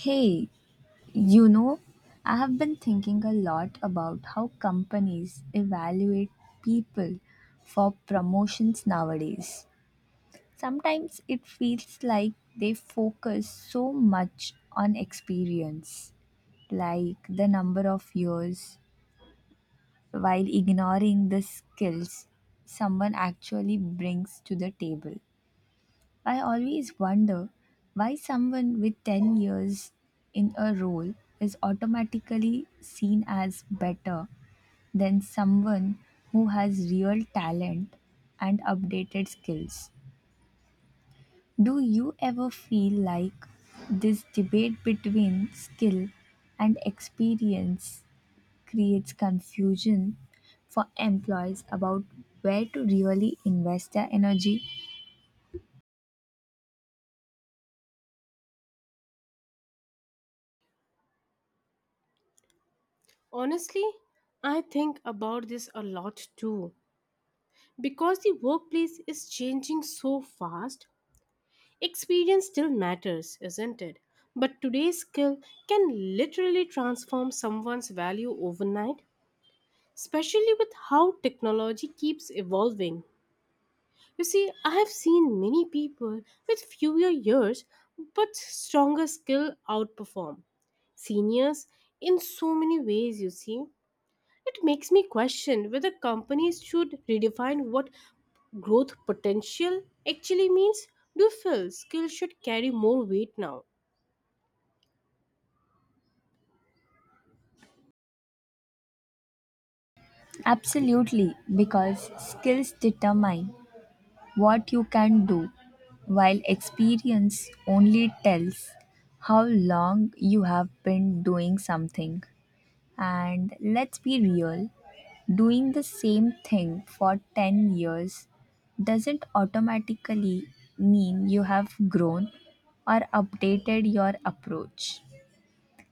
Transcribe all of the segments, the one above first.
Hey, you know, I have been thinking a lot about how companies evaluate people for promotions nowadays. Sometimes it feels like they focus so much on experience, like the number of years, while ignoring the skills someone actually brings to the table. I always wonder why someone with 10 years in a role is automatically seen as better than someone who has real talent and updated skills. Do you ever feel like this debate between skill and experience creates confusion for employees about where to really invest their energy? Honestly, I think about this a lot too. Because the workplace is changing so fast, experience still matters, isn't it? But today's skill can literally transform someone's value overnight, especially with how technology keeps evolving. You see, I have seen many people with fewer years but stronger skill outperform seniors in so many ways, you see. It makes me question whether companies should redefine what growth potential actually means. Do you feel skills should carry more weight now? Absolutely, because skills determine what you can do, while experience only tells how long you have been doing something. And let's be real, doing the same thing for 10 years doesn't automatically mean you have grown or updated your approach.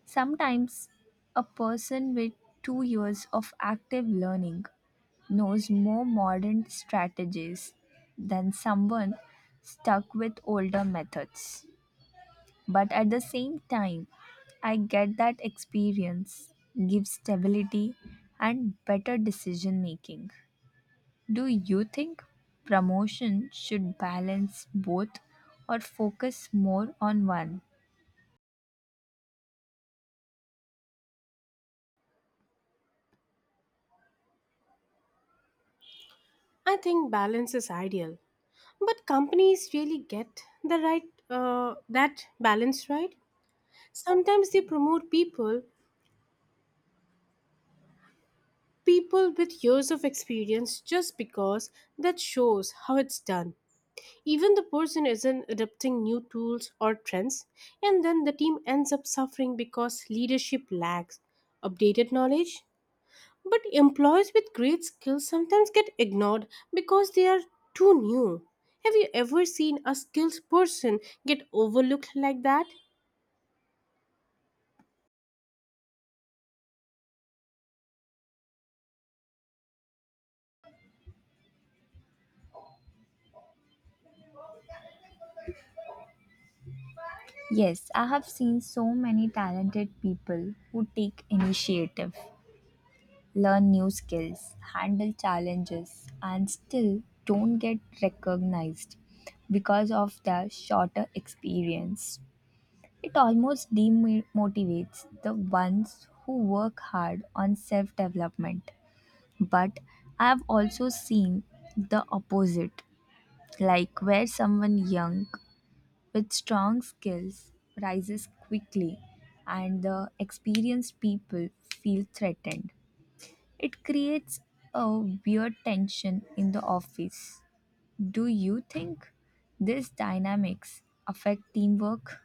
Sometimes a person with 2 years of active learning knows more modern strategies than someone stuck with older methods. But at the same time, I get that experience gives stability and better decision making. Do you think promotion should balance both or focus more on one? I think balance is ideal, but companies really get the right that balance right. Sometimes they promote people with years of experience just because that shows how it's done. Even the person isn't adopting new tools or trends, and then the team ends up suffering because leadership lacks updated knowledge. But employees with great skills sometimes get ignored because they are too new. Have you ever seen a skilled person get overlooked like that? Yes, I have seen so many talented people who take initiative learn new skills, handle challenges, and still don't get recognized because of their shorter experience. It almost demotivates the ones who work hard on self development. But I have also seen the opposite, like where someone young with strong skills rises quickly and the experienced people feel threatened it creates a weird tension in the office. Do you think these dynamics affect teamwork?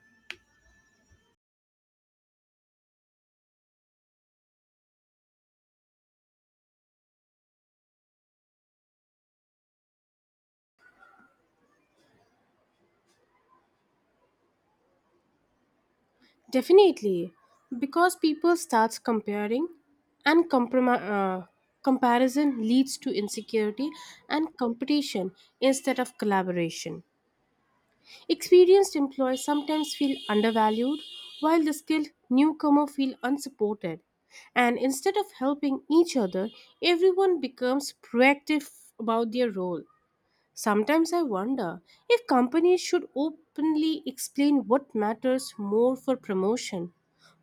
Definitely, because people start comparing, and comparison leads to insecurity and competition instead of collaboration. Experienced employees sometimes feel undervalued, while the skilled newcomer feel unsupported. And instead of helping each other, everyone becomes proactive about their role. Sometimes I wonder if companies should openly explain what matters more for promotion.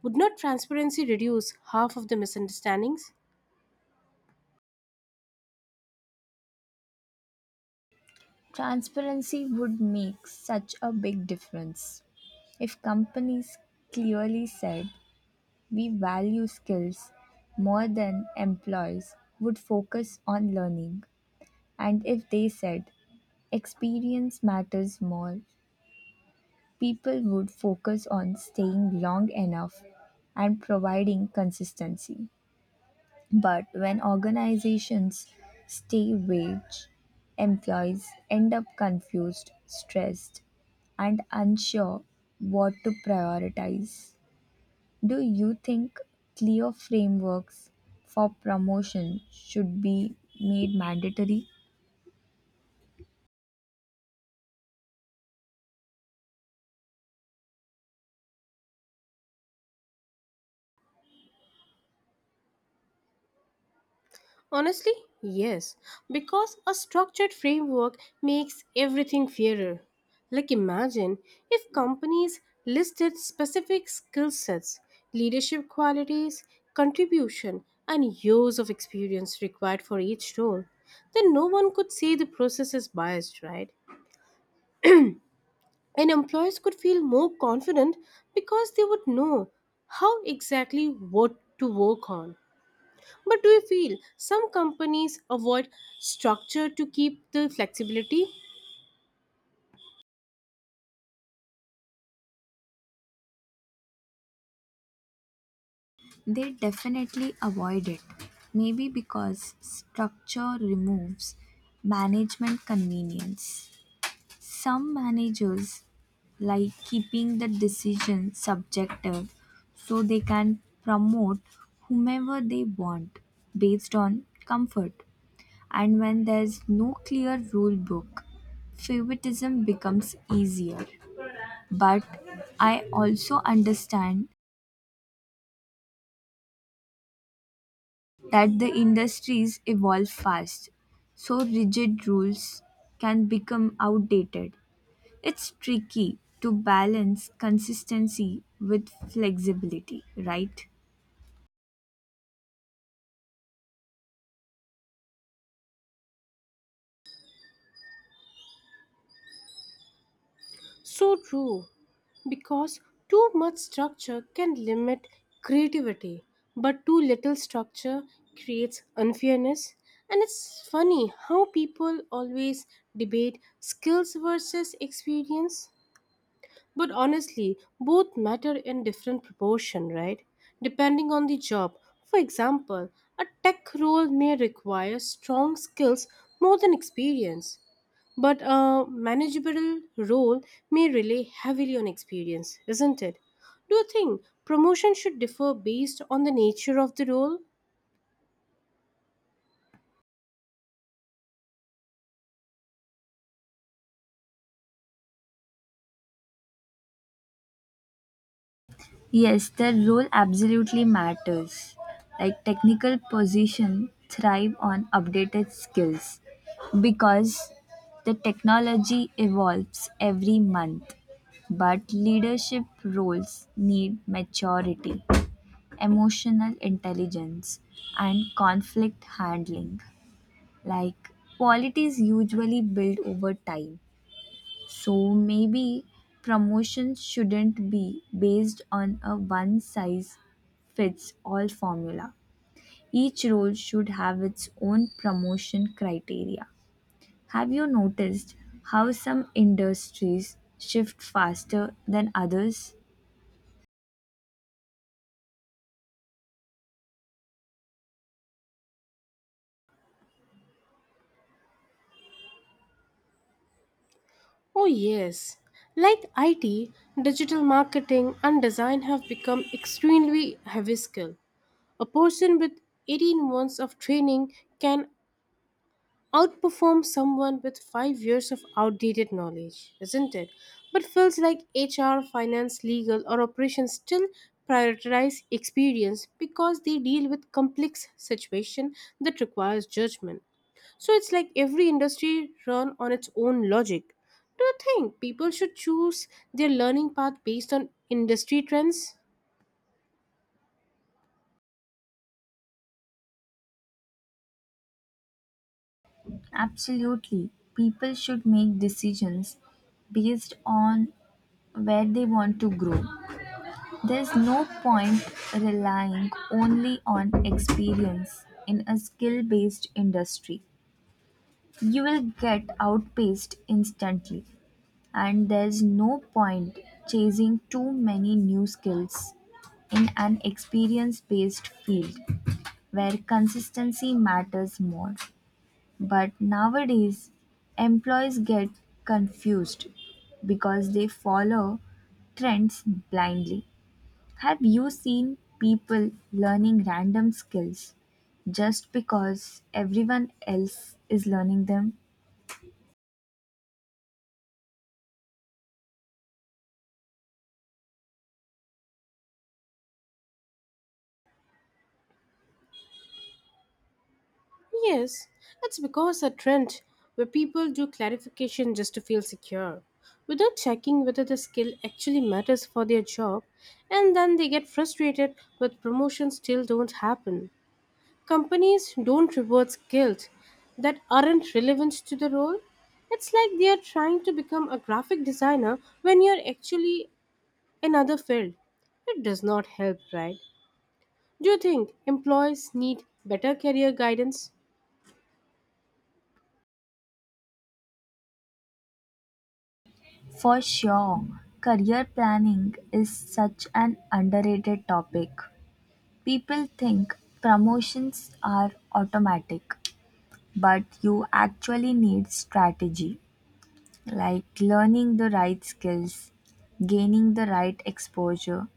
Would not transparency reduce half of the misunderstandings? Transparency would make such a big difference. If companies clearly said we value skills more than employees would focus on learning, and if they said experience matters more people would focus on staying long enough and providing consistency. But when organizations stay wage, employees end up confused, stressed, and unsure what to prioritize. Do you think clear frameworks for promotion should be made mandatory? Honestly, yes, because a structured framework makes everything fairer. Like, imagine if companies listed specific skill sets, leadership qualities, contribution, and years of experience required for each role. Then no one could say the process is biased, right? And employers could feel more confident because they would know how exactly what to work on. But do you feel some companies avoid structure to keep the flexibility? They definitely avoid it. Maybe because structure removes management convenience. Some managers like keeping the decision subjective so they can promote whomever they want based on comfort. And when there's no clear rule book, favoritism becomes easier. But I also understand that the industries evolve fast, so rigid rules can become outdated. It's tricky to balance consistency with flexibility, right? So true, because too much structure can limit creativity, but too little structure creates unfairness. And it's funny how people always debate skills versus experience. But honestly, both matter in different proportion, right? Depending on the job. For example, a tech role may require strong skills more than experience, but a manageable role may rely heavily on experience, isn't it? Do you think promotion should differ based on the nature of the role? Yes, their role absolutely matters. Like technical position thrive on updated skills because the technology evolves every month. But leadership roles need maturity emotional intelligence, and conflict handling, like qualities usually build over time. So maybe promotions shouldn't be based on a one size fits all formula. Each role should have its own promotion criteria. Have you noticed how some industries shift faster than others? Oh, yes. Like IT, digital marketing and design have become extremely heavy skill. A person with 18 months of training can outperform someone with 5 years of outdated knowledge, isn't it? But fields like HR, finance, legal, or operations still prioritize experience because they deal with complex situation that requires judgment. So it's like every industry run on its own logic. Do you think people should choose their learning path based on industry trends? Absolutely. People should make decisions based on where they want to grow. There's no point relying only on experience in a skill based industry. You will get outpaced instantly, and there's no point chasing too many new skills in an experience based field where consistency matters more. But nowadays, employees get confused because they follow trends blindly. Have you seen people learning random skills just because everyone else is learning them? Yes, that's because a trend where people do clarification just to feel secure without checking whether the skill actually matters for their job, and then they get frustrated with promotions still don't happen. Companies don't reward skills that aren't relevant to the role. It's like they are trying to become a graphic designer when you're actually another field. It does not help, right? Do you think employees need better career guidance? For sure, career planning is such an underrated topic. People think promotions are automatic, but you actually need strategy like learning the right skills, gaining the right exposure,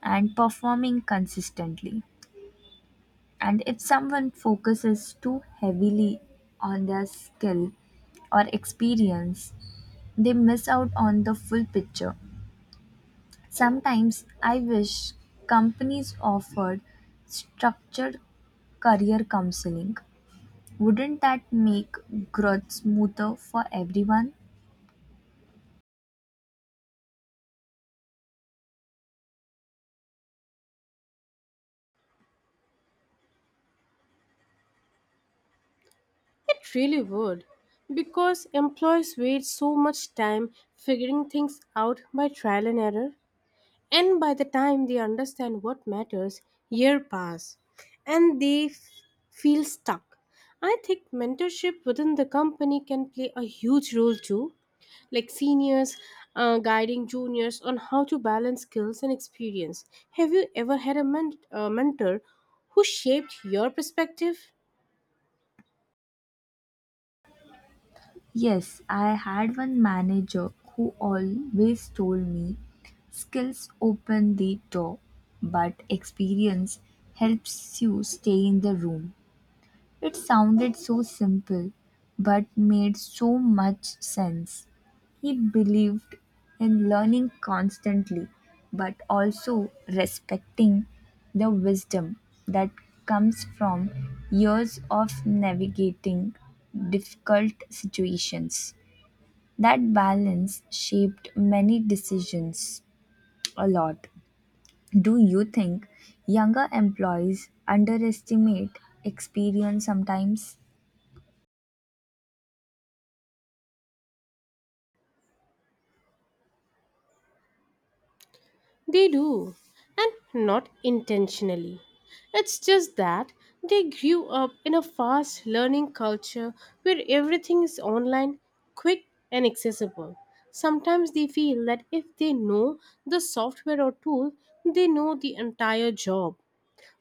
and performing consistently. And if someone focuses too heavily on their skill or experience, they miss out on the full picture. Sometimes I wish companies offered structured career counseling. Wouldn't that make growth smoother for everyone? It really would, because employees waste so much time figuring things out by trial and error, and by the time they understand what matters, year pass, and they feel stuck. I think mentorship within the company can play a huge role too, like seniors guiding juniors on how to balance skills and experience. Have you ever had a mentor who shaped your perspective? Yes, I had one manager who always told me skills open the door, but experience helps you stay in the room. It sounded so simple, but made so much sense. He believed in learning constantly, but also respecting the wisdom that comes from years of navigating difficult situations. That balance shaped many decisions a lot. Do you think younger employees underestimate experience sometimes? They do, and not intentionally. It's just that they grew up in a fast learning culture where everything is online, quick, and accessible. Sometimes they feel that if they know the software or tool, they know the entire job.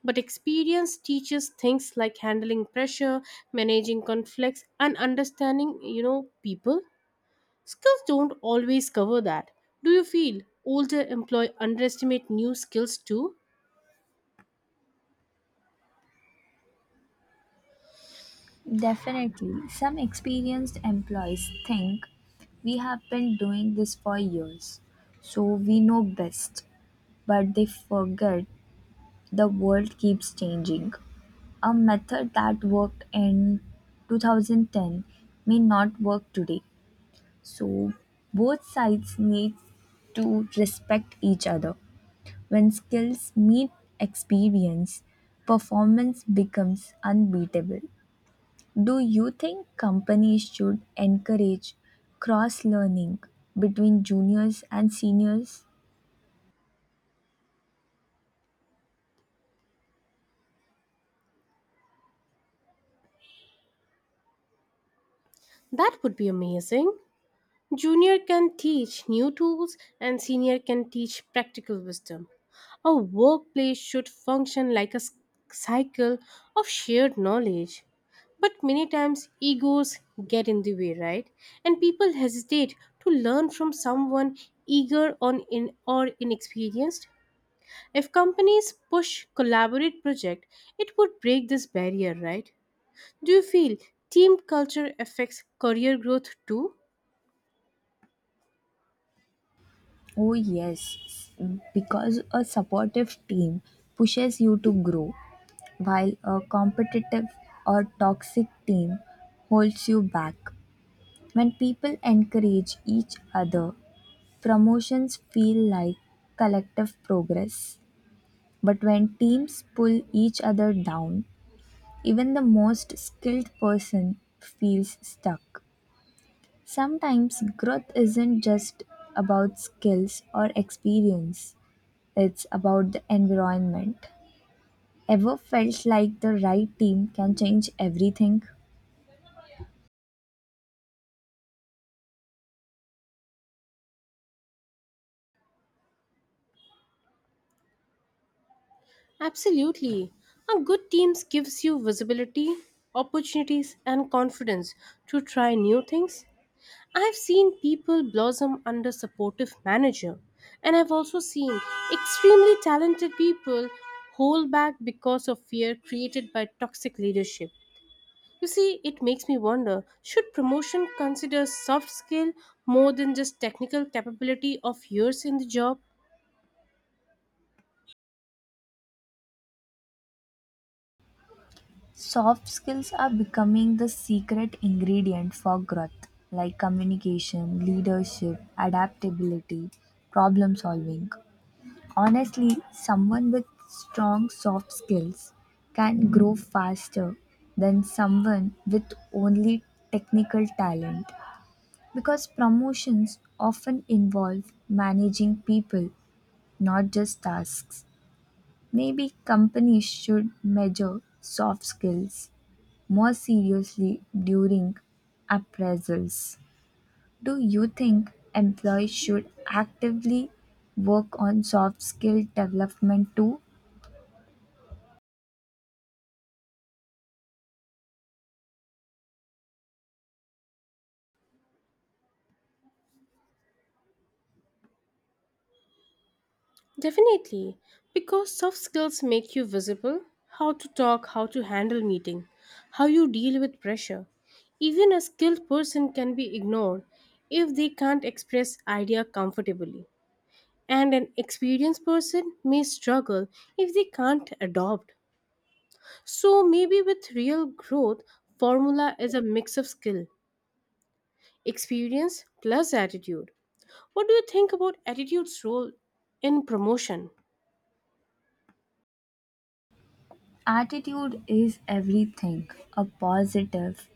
But experience teaches things like handling pressure, managing conflicts, and understanding people. Skills don't always cover that. Do you feel older employees underestimate new skills too? Definitely. Some experienced employees think we have been doing this for years, so we know best, but they forget the world keeps changing. A method that worked in 2010 may not work today. So both sides need to respect each other. When skills meet experience, performance becomes unbeatable. Do you think companies should encourage cross learning between juniors and seniors? That would be amazing. Junior can teach new tools and senior can teach practical wisdom. A workplace should function like a cycle of shared knowledge. But many times egos get in the way, right? And people hesitate to learn from someone eager on in or inexperienced. If companies push collaborate project, it would break this barrier, right? Do you feel team culture affects career growth too? Oh, yes, because a supportive team pushes you to grow, while a competitive or toxic team holds you back. When people encourage each other, promotions feel like collective progress. But when teams pull each other down, even the most skilled person feels stuck. Sometimes growth isn't just about skills or experience, it's about the environment. Ever felt like the right team can change everything? Absolutely. A good team gives you visibility, opportunities, and confidence to try new things. I've seen people blossom under supportive manager, and I've also seen extremely talented people hold back because of fear created by toxic leadership. You see, it makes me wonder should promotion consider soft skill more than just technical capability of years in the job? Soft skills are becoming the secret ingredient for growth, like communication, leadership, adaptability, problem solving. Honestly, someone with strong soft skills can grow faster than someone with only technical talent because promotions often involve managing people, not just tasks. Maybe companies should measure soft skills more seriously, during appraisals, do you think employees should actively work on soft skill development too? Definitely, because soft skills make you visible: how to talk, how to handle meeting, how you deal with pressure. Even a skilled person can be ignored if they can't express idea comfortably. And an experienced person may struggle if they can't adopt. So maybe with real growth, formula is a mix of skill, experience plus attitude. What do you think about attitude's role in promotion? Attitude is everything. A positive,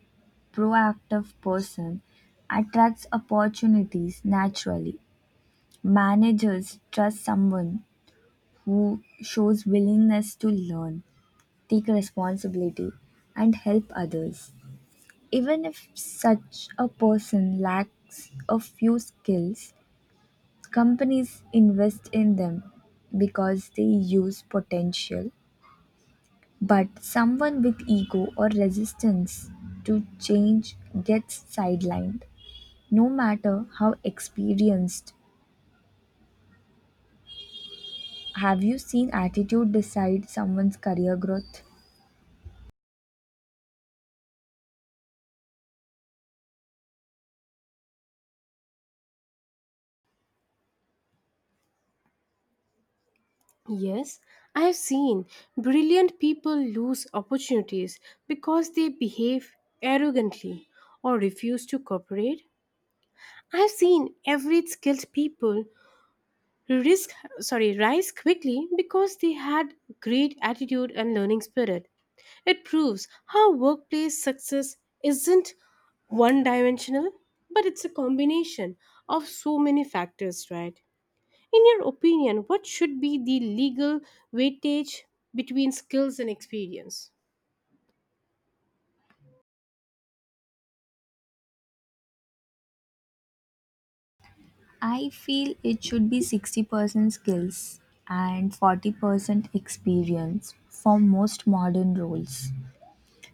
proactive person attracts opportunities naturally. Managers trust someone who shows willingness to learn, take responsibility, and help others. Even if such a person lacks a few skills, companies invest in them because they use potential. But someone with ego or resistance to change gets sidelined. No matter how experienced, have you seen attitude decide someone's career growth? Yes, I have seen brilliant people lose opportunities because they behave arrogantly or refuse to cooperate. I have seen average skilled people risk sorry rise quickly because they had great attitude and learning spirit. It proves how workplace success isn't one dimensional, but it's a combination of so many factors, right? In your opinion, what should be the legal weightage between skills and experience? I feel it should be 60% skills and 40% experience for most modern roles.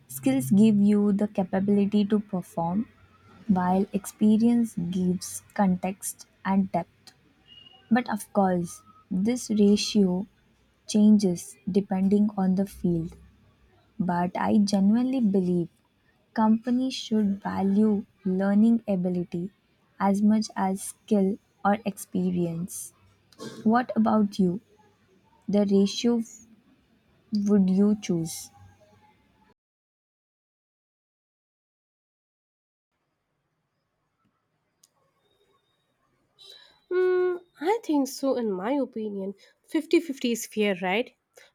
Skills give you the capability to perform, while experience gives context and depth. But of course, this ratio changes depending on the field. But I genuinely believe companies should value learning ability as much as skill or experience. What about you? The ratio would you choose? Hmm, I think so, in my opinion. Fifty-fifty is fair, right?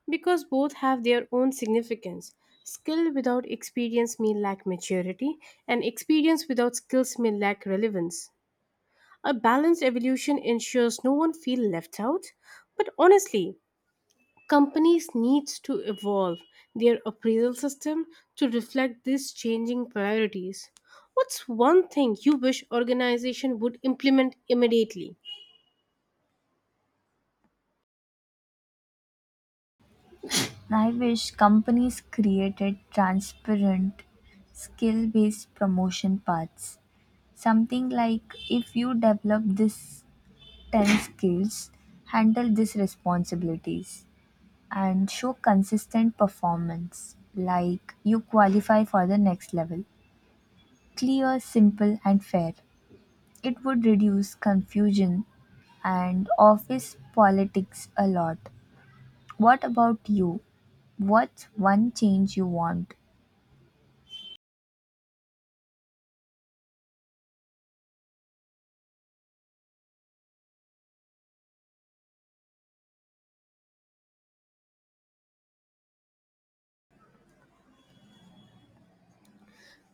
Because both have their own significance. Skill without experience may lack maturity, and experience without skills may lack relevance. A balanced evolution ensures no one feels left out. But honestly, companies need to evolve their appraisal system to reflect these changing priorities. What's one thing you wish organization would implement immediately? I wish companies created transparent, skill based promotion paths. Something like if you develop this 10 skills, handle these responsibilities and show consistent performance, like you qualify for the next level. Clear, simple, and fair. It would reduce confusion and office politics a lot. What about you? What's one change you want?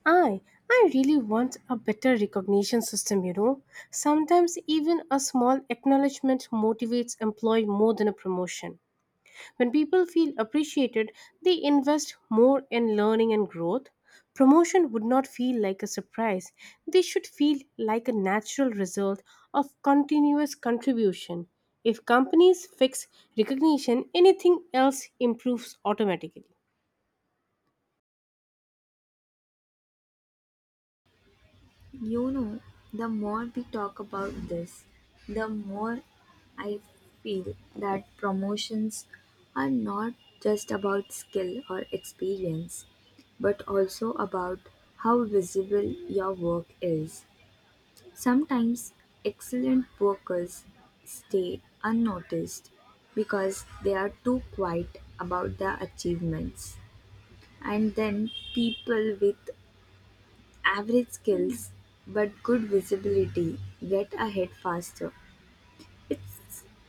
I I really want a better recognition system. Sometimes even a small acknowledgement motivates employee more than a promotion. When people feel appreciated, they invest more in learning and growth. Promotion would not feel like a surprise. They should feel like a natural result of continuous contribution. If companies fix recognition, anything else improves automatically. You know, the more we talk about this, the more I feel that promotions are not just about skill or experience, but also about how visible your work is. Sometimes excellent workers stay unnoticed because they are too quiet about their achievements, and then people with average skills but good visibility get ahead faster. It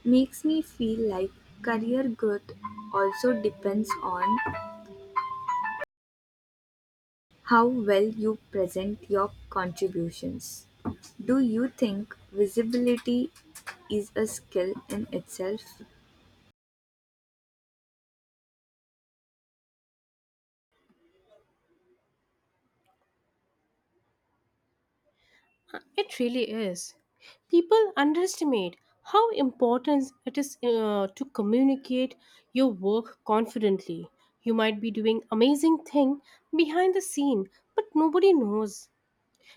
makes me feel like career growth also depends on how well you present your contributions. Do you think visibility is a skill in itself? It really is. People underestimate how important it is to communicate your work confidently. You might be doing amazing thing behind the scene, but nobody knows.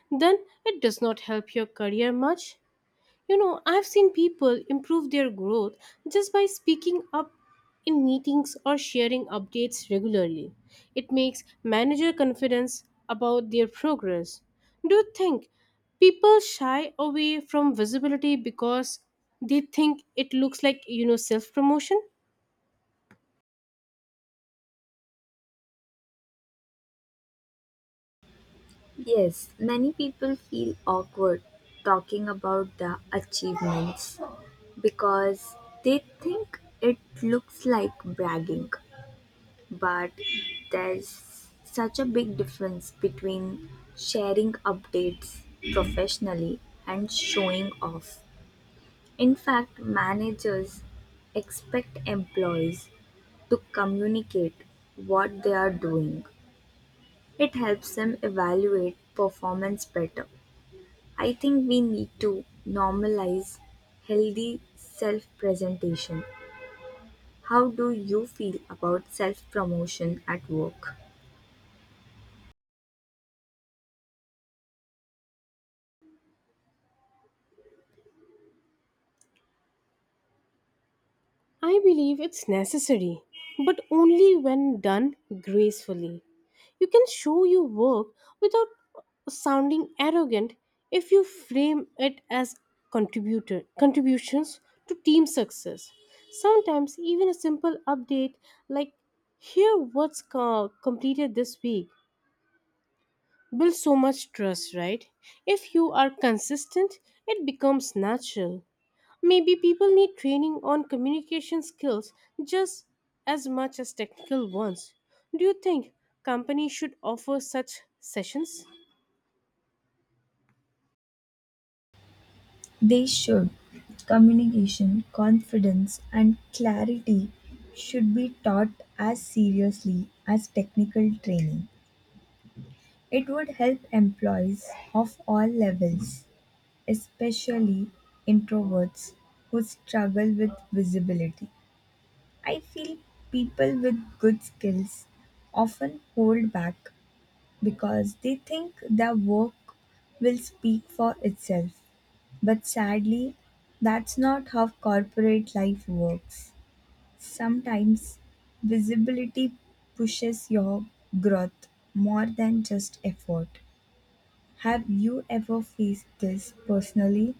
Then it does not help your career much. You know, I've seen people improve their growth just by speaking up in meetings or sharing updates regularly. It makes manager confidence about their progress. Do you think people shy away from visibility because they think it looks like, self promotion? Yes, many people feel awkward talking about the achievements because they think it looks like bragging. But there's such a big difference between sharing updates professionally and showing off. In fact, managers expect employees to communicate what they are doing. It helps them evaluate performance better. I think we need to normalize healthy self presentation. How do you feel about self promotion at work? I believe it's necessary, but only when done gracefully. You can show your work without sounding arrogant if you frame it as contributor contributions to team success. Sometimes even a simple update like here what's completed this week builds so much trust, right? If you are consistent, it becomes natural. Maybe people need training on communication skills just as much as technical ones. Do you think companies should offer such sessions? They should. Communication, confidence, and clarity should be taught as seriously as technical training. It would help employees of all levels, especially introverts who struggle with visibility. I feel people with good skills often hold back because they think their work will speak for itself. But sadly, that's not how corporate life works. Sometimes visibility pushes your growth more than just effort. Have you ever faced this personally?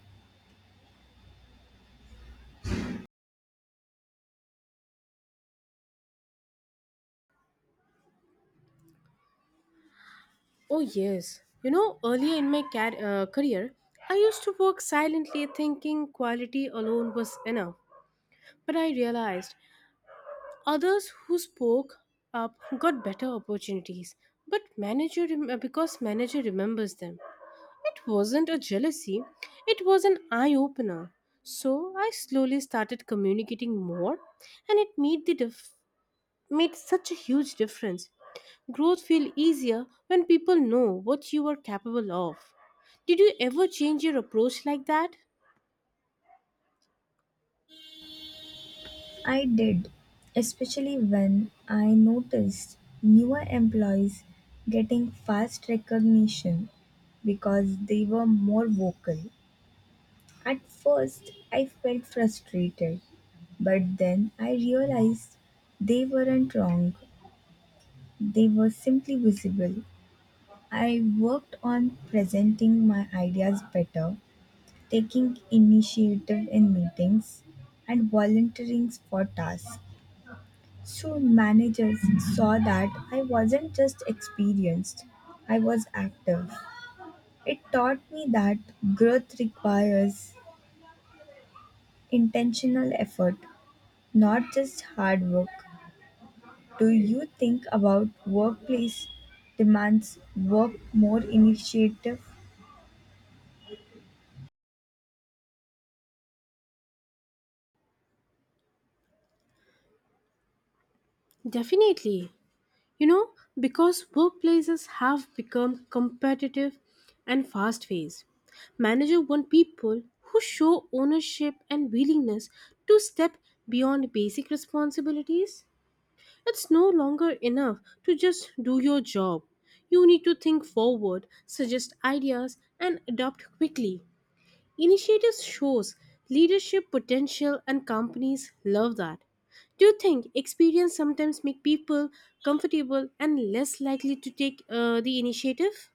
Oh, yes. You know, earlier in my career, I used to work silently thinking quality alone was enough. But I realized others who spoke up got better opportunities. But because manager remembers them. It wasn't a jealousy, it was an eye opener. So I slowly started communicating more and it made such a huge difference. Growth feel easier when people know what you are capable of. Did you ever change your approach like that? I did, especially when I noticed newer employees getting fast recognition because they were more vocal. At first, I felt frustrated, but then I realized they weren't wrong. They were simply visible. I worked on presenting my ideas better, taking initiative in meetings, and volunteering for tasks. So managers saw that I wasn't just experienced, I was active. It taught me that growth requires intentional effort not just hard work. Do you think about workplace demands work more initiative? Definitely. You know, because workplaces have become competitive and fast paced, managers want people who show ownership and willingness to step beyond basic responsibilities. It's no longer enough to just do your job. You need to think forward, suggest ideas, and adapt quickly. Initiative shows leadership potential and companies love that. Do you think experience sometimes make people comfortable and less likely to take the initiative?